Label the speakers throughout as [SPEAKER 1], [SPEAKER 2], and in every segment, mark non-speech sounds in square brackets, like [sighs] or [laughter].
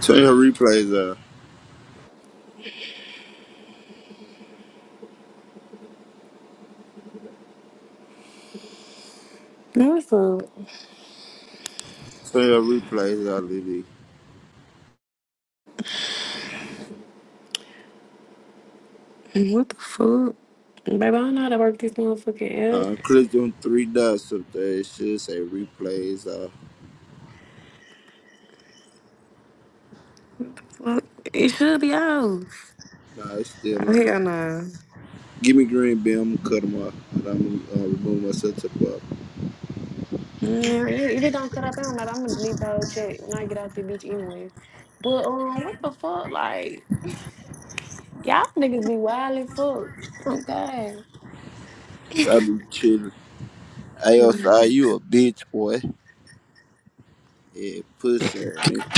[SPEAKER 1] Turn your replays up.
[SPEAKER 2] That's a,
[SPEAKER 1] Turn your replays up, Lily.
[SPEAKER 2] what the fuck? Baby, I don't know how to work this motherfucking
[SPEAKER 1] Uh,
[SPEAKER 2] app.
[SPEAKER 1] click on three dots up there. It should say replays up.
[SPEAKER 2] Well, It should be off.
[SPEAKER 1] Nah, it's still
[SPEAKER 2] Oh,
[SPEAKER 1] on.
[SPEAKER 2] hell no.
[SPEAKER 1] Give me green bean. I'm gonna cut them off. And I'm gonna uh, remove myself to the bottom.
[SPEAKER 2] Yeah, it, it don't cut up anyway. I'm gonna delete that old check when I get out the beach anyway. But um, what the fuck? Like, y'all niggas be wild as fuck. Oh god.
[SPEAKER 1] I be chilling.
[SPEAKER 2] Mm,
[SPEAKER 1] ASI, you a bitch, boy. Yeah, pussy. nigga.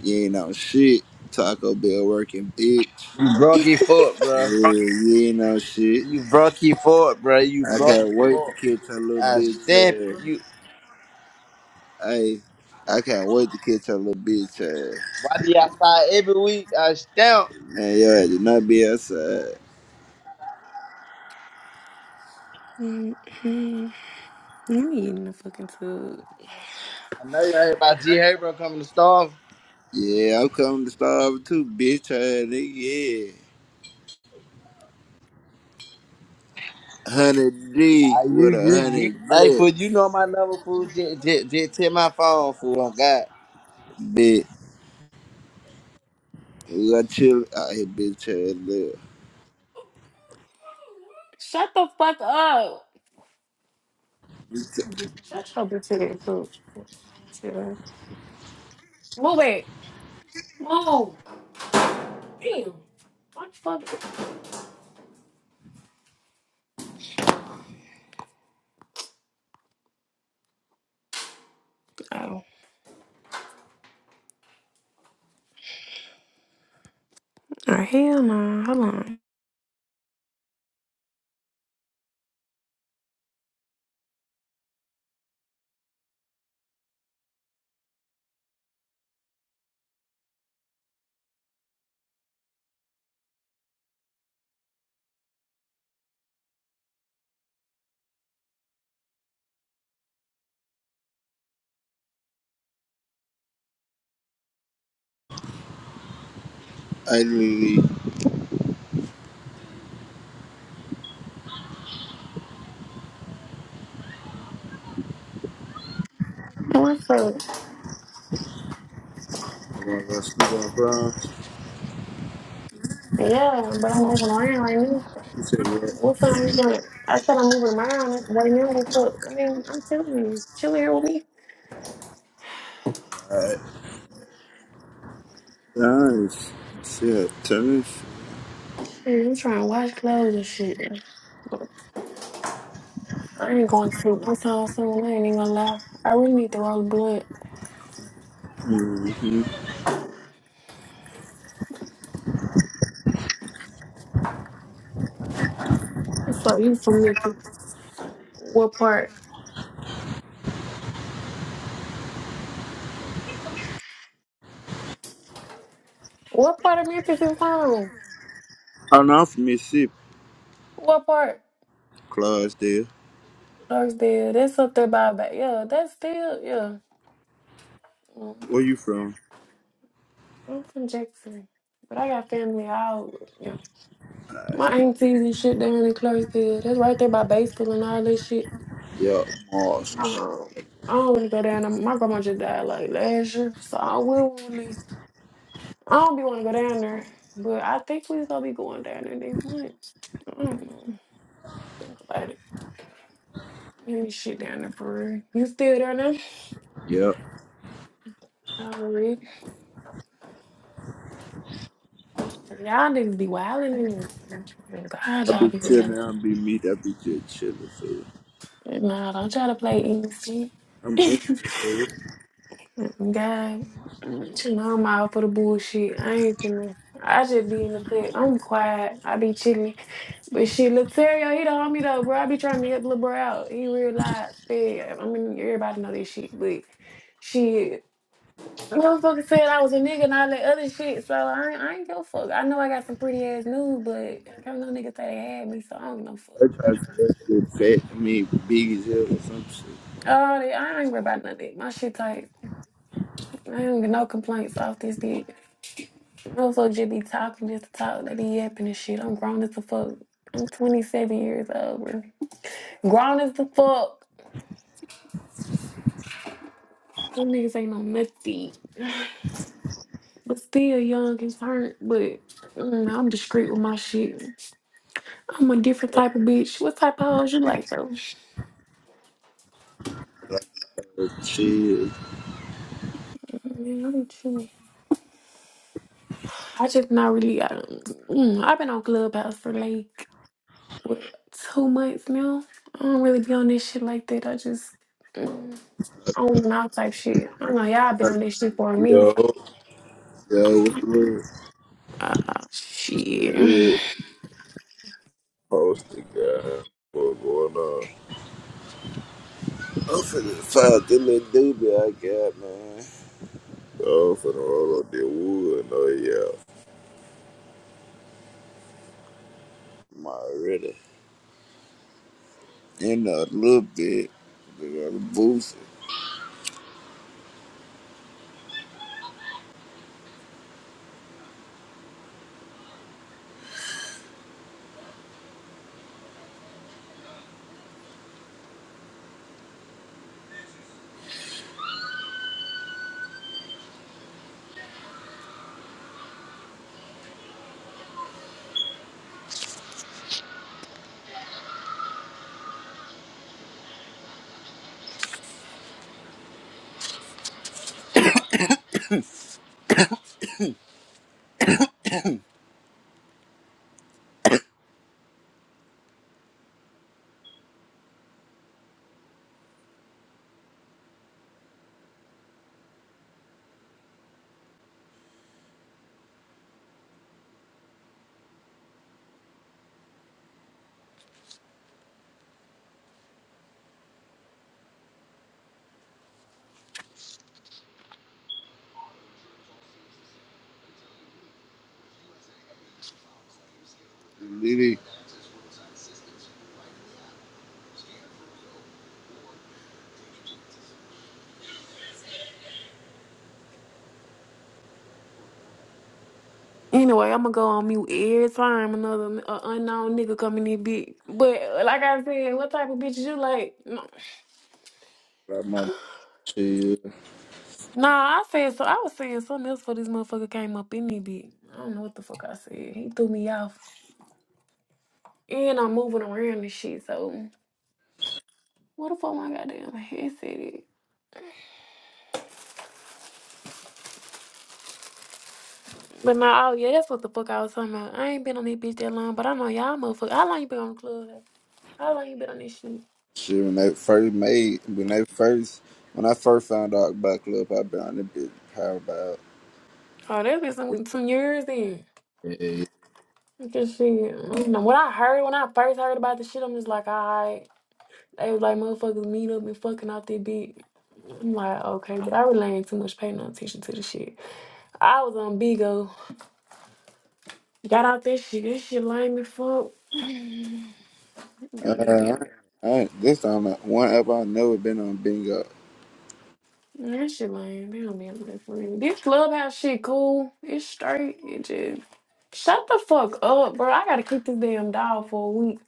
[SPEAKER 1] You ain't on shit. Taco Bell working, bitch.
[SPEAKER 3] You broke your foot,
[SPEAKER 1] Yeah,
[SPEAKER 3] bro.
[SPEAKER 1] you ain't on shit.
[SPEAKER 3] You broke your foot, bro. You
[SPEAKER 1] I
[SPEAKER 3] broke
[SPEAKER 1] can't
[SPEAKER 3] your
[SPEAKER 1] wait to
[SPEAKER 3] foot.
[SPEAKER 1] catch a little
[SPEAKER 3] I
[SPEAKER 1] bitch
[SPEAKER 3] stamp
[SPEAKER 1] ass.
[SPEAKER 3] you.
[SPEAKER 1] Hey, I can't wait to catch a little bitch ass.
[SPEAKER 3] Why be outside every week? I stamp.
[SPEAKER 1] Hey, yo, do not be outside.
[SPEAKER 2] mm, mm. Let me get in the fucking tub.
[SPEAKER 3] I know you heard about G. Haber coming to starve.
[SPEAKER 1] Yeah, I'm coming to starve too, bitch. Hey, nigga, yeah. 100
[SPEAKER 3] Ah,
[SPEAKER 1] deep
[SPEAKER 3] you,
[SPEAKER 1] with a
[SPEAKER 3] you, you.
[SPEAKER 1] 100
[SPEAKER 3] Hey,
[SPEAKER 1] blitz,
[SPEAKER 3] fool, you know my number, fool. Just, just, just hit my phone, fool. On God.
[SPEAKER 1] bitch. We got chill out here, bitch. Hey, look.
[SPEAKER 2] Shut the fuck up. Shut your bitch ass up. Shit. Move it. Move. Damn. What the fuck? Oh, oh hell no. Hold on.
[SPEAKER 1] I literally want
[SPEAKER 2] What's up?
[SPEAKER 1] to go sleep on the ground.
[SPEAKER 2] Yeah, but I'm moving around right now.
[SPEAKER 1] She said,
[SPEAKER 2] What's up? You doing? I said I'm moving around right now. What's up? I mean, I'm telling you, chill here with me.
[SPEAKER 1] what? Alright. Nice. Shit, tennis.
[SPEAKER 2] Shit, I'm trying to wash clothes and shit. I ain't going to sleep. That's all soon. I ain't even gonna lie. I really need to roll the blood.
[SPEAKER 1] Mm-hmm.
[SPEAKER 2] So you from Memphis? What part? What part of Memphis you from?
[SPEAKER 1] I'm not from Mississippi,
[SPEAKER 2] What part?
[SPEAKER 1] Clydesdale.
[SPEAKER 2] Clarksdale. That's up there by back. Yeah, that's still yeah. Mm.
[SPEAKER 1] Where you from?
[SPEAKER 2] I'm from Jackson, but I got family all. Yeah. My aunties and shit down in Clarksville. That's right there by baseball and all that shit.
[SPEAKER 1] Yeah, Mars and shit.
[SPEAKER 2] Um, I don't want to go down there. My grandma just died like last year, so I will leave. I don't be want to go down there, but I think we gonna be going down there next month. I don't know about it. Any shit down there for real. You still down there?
[SPEAKER 1] Yeah.
[SPEAKER 2] now? Already. Y'all niggas be wildin' in there. God,
[SPEAKER 1] I be
[SPEAKER 2] y'all be wildin'.
[SPEAKER 1] chilling, I be meat, I be just chilling. so.
[SPEAKER 2] Nah, don't try to play innocent.
[SPEAKER 1] I'm innocent,
[SPEAKER 2] [laughs]
[SPEAKER 1] bro.
[SPEAKER 2] God, chill on my out for the bullshit. I ain't finna. I just be in the cut. I'm quiet. I be chilling. But shit, Letario, he the homie though, bro. I be trying to help little bro out. He real life. fed. I mean, everybody know this shit, but shit. Motherfucker said I was a nigga and all that other shit, so I ain't, I ain't give a fuck. I know I got some pretty ass news, but I don't know no niggas say they had me, so I don't give no fuck.
[SPEAKER 1] I tried to say that shit fat. I mean, big as or some shit.
[SPEAKER 2] Oh, I ain't worried about none of that. My shit tight. I ain't get no complaints off this bitch. I'm so just be talking just to talk. They be yapping and shit. I'm grown as the fuck. I'm 27 years old, bro. Grown as the fuck. Them niggas ain't no nothing. But still young and hurt. But mm, I'm discreet with my shit. I'm a different type of bitch. What type of hoes you like, bro?
[SPEAKER 1] bro. Shit.
[SPEAKER 2] Man, I'm chill. I just not really. I, mm, I've been on Clubhouse for like what, two months now. I don't really be on this shit like that. I just mm, on and off type shit. I know y'all been on this shit for a minute.
[SPEAKER 4] Yo,
[SPEAKER 1] Yo, what's the word?
[SPEAKER 2] Uh, shit.
[SPEAKER 4] it posted guy. What going on?
[SPEAKER 1] I'm finna find the little doobie I got, man.
[SPEAKER 4] So I'm finna roll up the wood. No, yeah.
[SPEAKER 1] I'm already in a little bit. They got a boost. Lily.
[SPEAKER 2] Anyway, I'm gonna go on mute every time another uh, unknown nigga come in this bitch. But uh, like I said, what type of bitch you like? No.
[SPEAKER 1] Like my shit.
[SPEAKER 2] Nah, I said so. I was saying something else before this motherfucker came up in this bitch. I don't know what the fuck I said. He threw me off, and I'm moving around and shit. So what the fuck my goddamn headset is? But nah, oh yeah, that's what the fuck I was talking about. I ain't been on this bitch that long, but I know y'all motherfuckers. How long you been on the club? How long you been on this shit?
[SPEAKER 1] Shit, when they first made, when they first, when I first found out about Club, I been on the bitch power about.
[SPEAKER 2] Oh, that's been some some years then.
[SPEAKER 1] Yeah.
[SPEAKER 2] Just see, you know. When I heard, when I first heard about the shit, I'm just like, alright. They was like, motherfuckers meet up and fucking off their beat. I'm like, okay, but I really ain't too much paying no attention to the shit. I was on Bigo, got out this shit. This shit lame as fuck. You don't need
[SPEAKER 1] Uh,
[SPEAKER 2] damn girl.
[SPEAKER 1] I, I, this time, uh, one app I never been on bingo.
[SPEAKER 2] That shit lame. They don't be able to for real. This clubhouse shit cool. It's straight. It just shut the fuck up, bro. I gotta keep this damn dog for a week.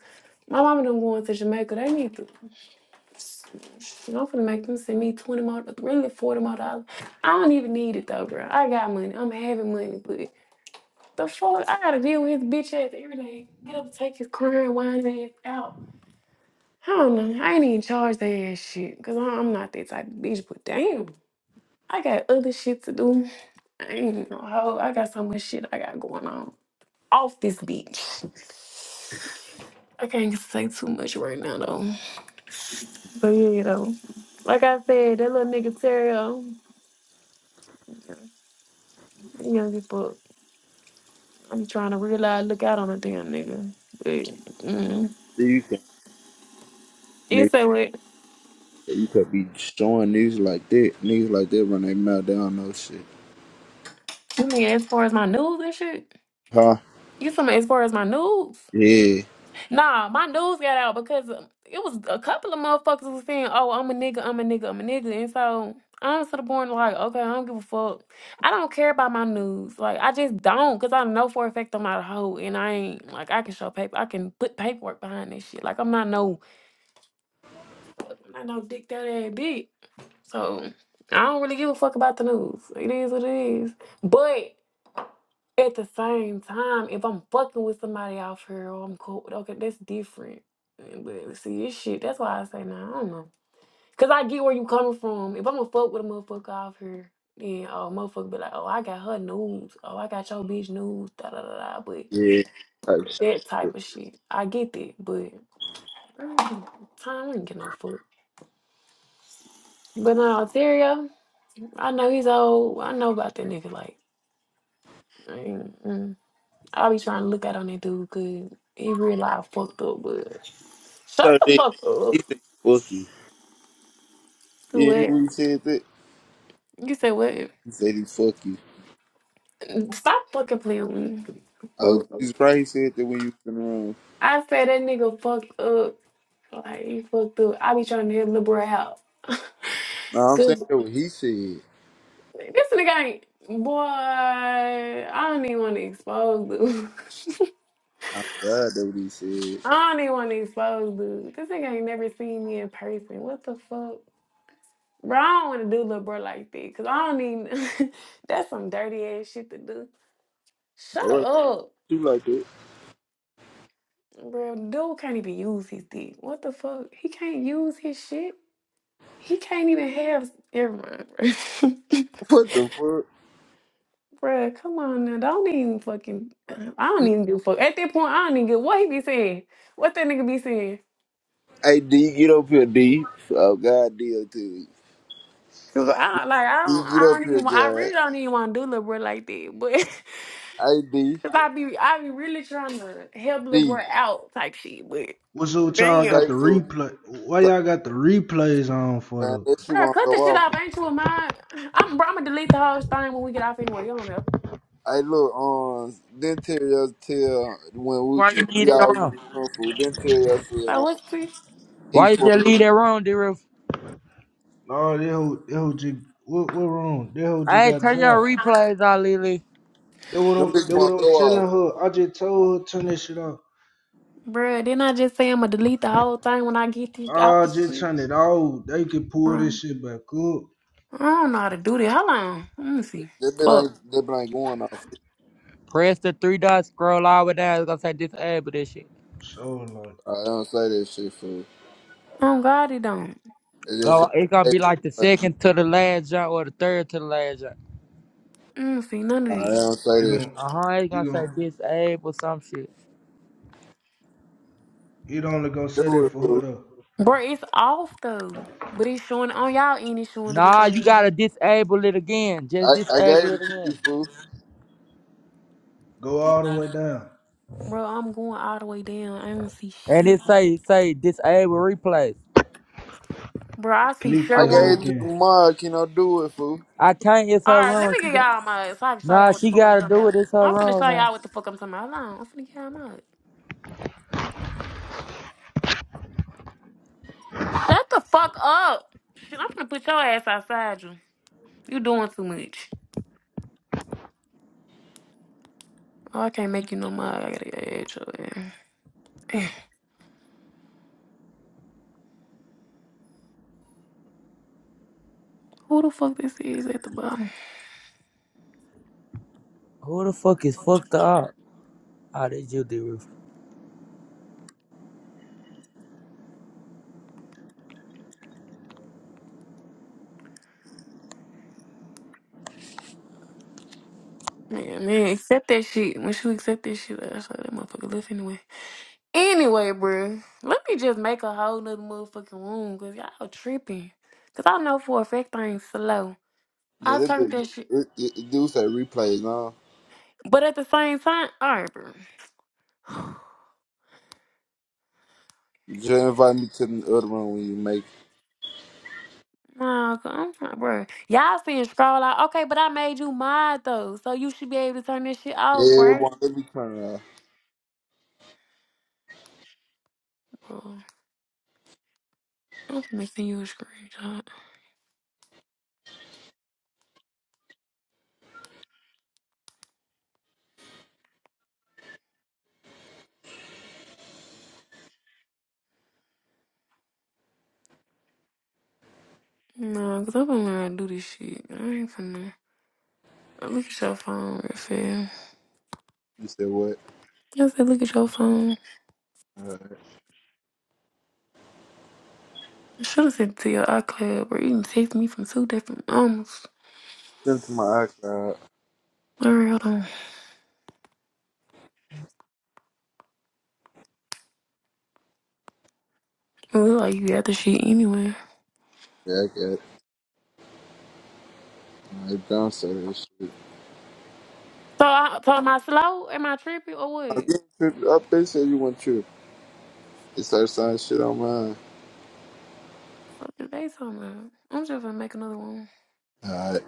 [SPEAKER 2] My mama done going to Jamaica. They need to. And I'm finna make them send me twenty more, really forty more dollars. I don't even need it though, bro. I got money. I'm having money, but the fuck, I gotta deal with his bitch ass every day. Get up, and take his crying, whining ass out. I don't know. I ain't even charge that ass shit, cause I- I'm not that type of bitch. But damn, I got other shit to do. I ain't no hoe. I got so much shit I got going on off this bitch. I can't say too much right now though. But yeah, though. Like I said, that little nigga Terrell. Young people, I'm trying to realize, look out on a damn nigga. But, mm.
[SPEAKER 1] Do you
[SPEAKER 2] You
[SPEAKER 1] Nigga,
[SPEAKER 2] say what?
[SPEAKER 1] you could be showing niggas like that. Niggas like that run their mouth down, no shit.
[SPEAKER 2] You mean as far as my news and shit?
[SPEAKER 1] Huh?
[SPEAKER 2] You talking about as far as my news?
[SPEAKER 1] Yeah,
[SPEAKER 2] Nah, my news got out because um, it was a couple of motherfuckers who was saying, "Oh, I'm a nigga, I'm a nigga, I'm a nigga," and so I'm to the point like, okay, I don't give a fuck. I don't care about my news. Like, I just don't, cause I know for a fact I'm not a hoe, and I ain't like I can show paper, I can put paperwork behind this shit. Like, I'm not no, I'm not no dick that ass bitch. So I don't really give a fuck about the news. It is what it is. But at the same time, if I'm fucking with somebody off here or I'm cool, okay, that's different. Uh, But see, this shit, that's why I say, nah, I don't know. Because I get where you coming from. If I'm going to fuck with a motherfucker off here, then, oh, motherfucker be like, oh, I got her news. Oh, I got your bitch news. Da da da da. But
[SPEAKER 1] yeah. Type
[SPEAKER 2] that type
[SPEAKER 1] shit.
[SPEAKER 2] of shit. I get that. But mm, time, we ain't get no fuck. But no, Terrio, I know he's old. I know about that nigga. Like, Mm-mm. I be trying to look out on that dude good. He real life fucked up, but shut
[SPEAKER 1] So
[SPEAKER 2] the
[SPEAKER 1] then
[SPEAKER 2] fuck up.
[SPEAKER 1] he said, he fuck you.
[SPEAKER 2] Do
[SPEAKER 1] Yeah, you
[SPEAKER 2] what?
[SPEAKER 1] when he said that?
[SPEAKER 2] You said what?
[SPEAKER 1] He said he fuck you.
[SPEAKER 2] Stop fucking playing with me.
[SPEAKER 1] Oh,
[SPEAKER 2] Fuck.
[SPEAKER 1] Jesus Christ said that when you was in the room.
[SPEAKER 2] I said that nigga fucked up. Like he fucked up. I be trying to help little boy out. [laughs]
[SPEAKER 1] No, I'm saying
[SPEAKER 2] Cause
[SPEAKER 1] that what he said.
[SPEAKER 2] this nigga ain't boy. I don't even want to expose dude. [laughs]
[SPEAKER 1] I'm God, that what he said.
[SPEAKER 2] I don't even want to expose dude. This nigga ain't never seen me in person. What the fuck? Bro, I don't want to do little bro like that because I don't even. [laughs] that's some dirty ass shit to do. Shut
[SPEAKER 1] Or
[SPEAKER 2] up,
[SPEAKER 1] you like that.
[SPEAKER 2] bro. Dude can't even use his dick. What the fuck? He can't use his shit. He can't even have. Never mind, bro.
[SPEAKER 1] What the fuck?
[SPEAKER 2] [laughs] bro, come on now. Don't even fucking. uh, I don't even give a fuck. At that point, I don't even get what he be saying. What that nigga be saying.
[SPEAKER 1] Hey, D, get up here, D. Oh, God, D, up to
[SPEAKER 2] Cause I don't, like I
[SPEAKER 1] D,
[SPEAKER 2] don't
[SPEAKER 1] get
[SPEAKER 2] I
[SPEAKER 1] up
[SPEAKER 2] don't
[SPEAKER 1] here,
[SPEAKER 2] even want, I
[SPEAKER 1] God.
[SPEAKER 2] really don't even want to do little bro like that, But [laughs]
[SPEAKER 1] Hey, D,
[SPEAKER 2] Cause I be I be really trying to help little
[SPEAKER 1] D,
[SPEAKER 2] boy out type shit, but
[SPEAKER 5] What's up with y'all got
[SPEAKER 2] damn.
[SPEAKER 5] the
[SPEAKER 1] like for.
[SPEAKER 5] replay? Why y'all got the replays on for
[SPEAKER 1] man.
[SPEAKER 5] though?
[SPEAKER 1] That shit
[SPEAKER 2] Bro,
[SPEAKER 1] won't go
[SPEAKER 2] cut the shit
[SPEAKER 1] off.
[SPEAKER 2] off. Ain't you a mind? I'm bro, I'm gonna delete the whole thing when we get off anyway. You don't know.
[SPEAKER 1] Hey, look, um, then Terry us tell when we
[SPEAKER 6] Why you leave
[SPEAKER 1] we all
[SPEAKER 6] that
[SPEAKER 1] was in the
[SPEAKER 6] wrong?
[SPEAKER 1] room for. Then Terry us said
[SPEAKER 2] So
[SPEAKER 1] um,
[SPEAKER 2] what's this?
[SPEAKER 1] he
[SPEAKER 6] Why you
[SPEAKER 1] for
[SPEAKER 6] just leave that wrong, D-Roof?
[SPEAKER 5] No, that whole that whole just what what wrong? That whole just
[SPEAKER 6] Hey,
[SPEAKER 5] got
[SPEAKER 6] turn your
[SPEAKER 5] dry.
[SPEAKER 6] replays out, Lily.
[SPEAKER 5] That what
[SPEAKER 1] them
[SPEAKER 5] I'm
[SPEAKER 1] bitches
[SPEAKER 5] that what
[SPEAKER 1] won't go
[SPEAKER 5] I'm
[SPEAKER 1] off.
[SPEAKER 5] telling her. I just told her turn that shit off.
[SPEAKER 2] Bro, didn't I just say I'm gonna delete the whole thing when I get this off
[SPEAKER 5] I
[SPEAKER 2] the
[SPEAKER 5] just
[SPEAKER 2] shit?
[SPEAKER 5] turn it off. They can pull this
[SPEAKER 2] Bro,
[SPEAKER 5] shit back up.
[SPEAKER 2] I don't know how to do this. Hold on. Let me see.
[SPEAKER 1] That bit
[SPEAKER 2] Fuck.
[SPEAKER 1] ain't that bit ain't going off.
[SPEAKER 6] Press the three dots, scroll all the way down. It's gonna say disable this shit.
[SPEAKER 5] So like
[SPEAKER 1] I don't say that shit fool.
[SPEAKER 2] Oh God, it don't.
[SPEAKER 1] It just say
[SPEAKER 6] Go. It's gonna
[SPEAKER 1] hey,
[SPEAKER 6] be like the
[SPEAKER 1] like,
[SPEAKER 6] second to the last jump or the third to the last jump.
[SPEAKER 2] Let me see none of
[SPEAKER 1] I
[SPEAKER 2] these,
[SPEAKER 1] don't say
[SPEAKER 5] you
[SPEAKER 1] that.
[SPEAKER 5] gon'
[SPEAKER 6] Uh huh. It's
[SPEAKER 5] you
[SPEAKER 6] gonna say
[SPEAKER 5] gon'
[SPEAKER 6] disable some shit.
[SPEAKER 5] it only gonna
[SPEAKER 1] Shit.
[SPEAKER 5] say
[SPEAKER 1] Do
[SPEAKER 5] that
[SPEAKER 1] it
[SPEAKER 5] for her
[SPEAKER 1] fool.
[SPEAKER 5] though.
[SPEAKER 2] Bro, it's off though. But it's showing on y'all end. It's showing that it's
[SPEAKER 6] Nah, you
[SPEAKER 2] on.
[SPEAKER 6] gotta disable it again. Just
[SPEAKER 1] I I
[SPEAKER 6] disable
[SPEAKER 1] gave
[SPEAKER 6] it
[SPEAKER 1] it to you
[SPEAKER 6] again.
[SPEAKER 1] fool.
[SPEAKER 5] Go all the way down.
[SPEAKER 2] Bro, I'm going all the way down. I don't see
[SPEAKER 6] And it
[SPEAKER 2] shit.
[SPEAKER 6] say say disable replays.
[SPEAKER 2] Bro, I see
[SPEAKER 5] Click
[SPEAKER 1] I
[SPEAKER 5] that whole
[SPEAKER 1] gave it
[SPEAKER 2] Sharon.
[SPEAKER 1] to the
[SPEAKER 5] again.
[SPEAKER 1] mug. You know, do it fool.
[SPEAKER 6] I can't. It's
[SPEAKER 2] All
[SPEAKER 6] her
[SPEAKER 2] right, let
[SPEAKER 6] room.
[SPEAKER 2] me
[SPEAKER 6] She
[SPEAKER 2] get
[SPEAKER 6] got,
[SPEAKER 2] y'all my. So I can show
[SPEAKER 6] nah,
[SPEAKER 2] y'all what the
[SPEAKER 6] she
[SPEAKER 2] fuck I'm
[SPEAKER 6] gotta
[SPEAKER 2] talking
[SPEAKER 6] do it.
[SPEAKER 2] about.
[SPEAKER 6] It's her
[SPEAKER 2] I'm finna
[SPEAKER 6] room
[SPEAKER 2] show
[SPEAKER 6] now.
[SPEAKER 2] y'all what the fuck I'm talking about. Hold on, I'm finna get y'all mud. Shut the fuck up. Shit, I'm finna put your ass outside you. You doing too much. Oh, I can't make you no mud. I gotta get your ass. [sighs] Who the fuck this is at the bottom?
[SPEAKER 6] Who the fuck is fucked up? Oh, that's you, d
[SPEAKER 2] Man, man, accept that shit. When she accept that shit, I saw that motherfucker left anyway. Anyway, bruh, let me just make a whole nother motherfucking room, cause y'all tripping. Cause I know for a fact I ain't slow.
[SPEAKER 1] Yeah,
[SPEAKER 2] I
[SPEAKER 1] that bit,
[SPEAKER 2] talked that shit.
[SPEAKER 1] it, it, it do say replays now.
[SPEAKER 2] But at the same time, all right, bro. [sighs]
[SPEAKER 1] You just invite me to the other room when you make.
[SPEAKER 2] Wow, I'm not bro. Y'all seeing scroll out. Okay, but I made you mad though. So you should be able to turn this shit off,
[SPEAKER 1] Yeah, it
[SPEAKER 2] right?
[SPEAKER 1] won't let me turn it off.
[SPEAKER 2] Bro, I'm finna send you a screenshot. Nah, because I'm gonna learn how to do this shit. I ain't finna. Look at your phone, real fast.
[SPEAKER 1] You said what?
[SPEAKER 2] I said, look at your phone.
[SPEAKER 1] Alright.
[SPEAKER 2] I Should have sent it to your iCloud, bro. You can text me from two different numbers.
[SPEAKER 1] Send to my iCloud.
[SPEAKER 2] All right, hold on. It look like you got the shit anyway.
[SPEAKER 1] Yeah, I got it. I downstairs.
[SPEAKER 2] So, I, so am I slow? Am I trippy or
[SPEAKER 1] I
[SPEAKER 2] what?
[SPEAKER 1] get tripped up. They said you want trip. They started signing shit on mine.
[SPEAKER 2] fuck is they talking about? I'm just gonna make another one.
[SPEAKER 1] All right.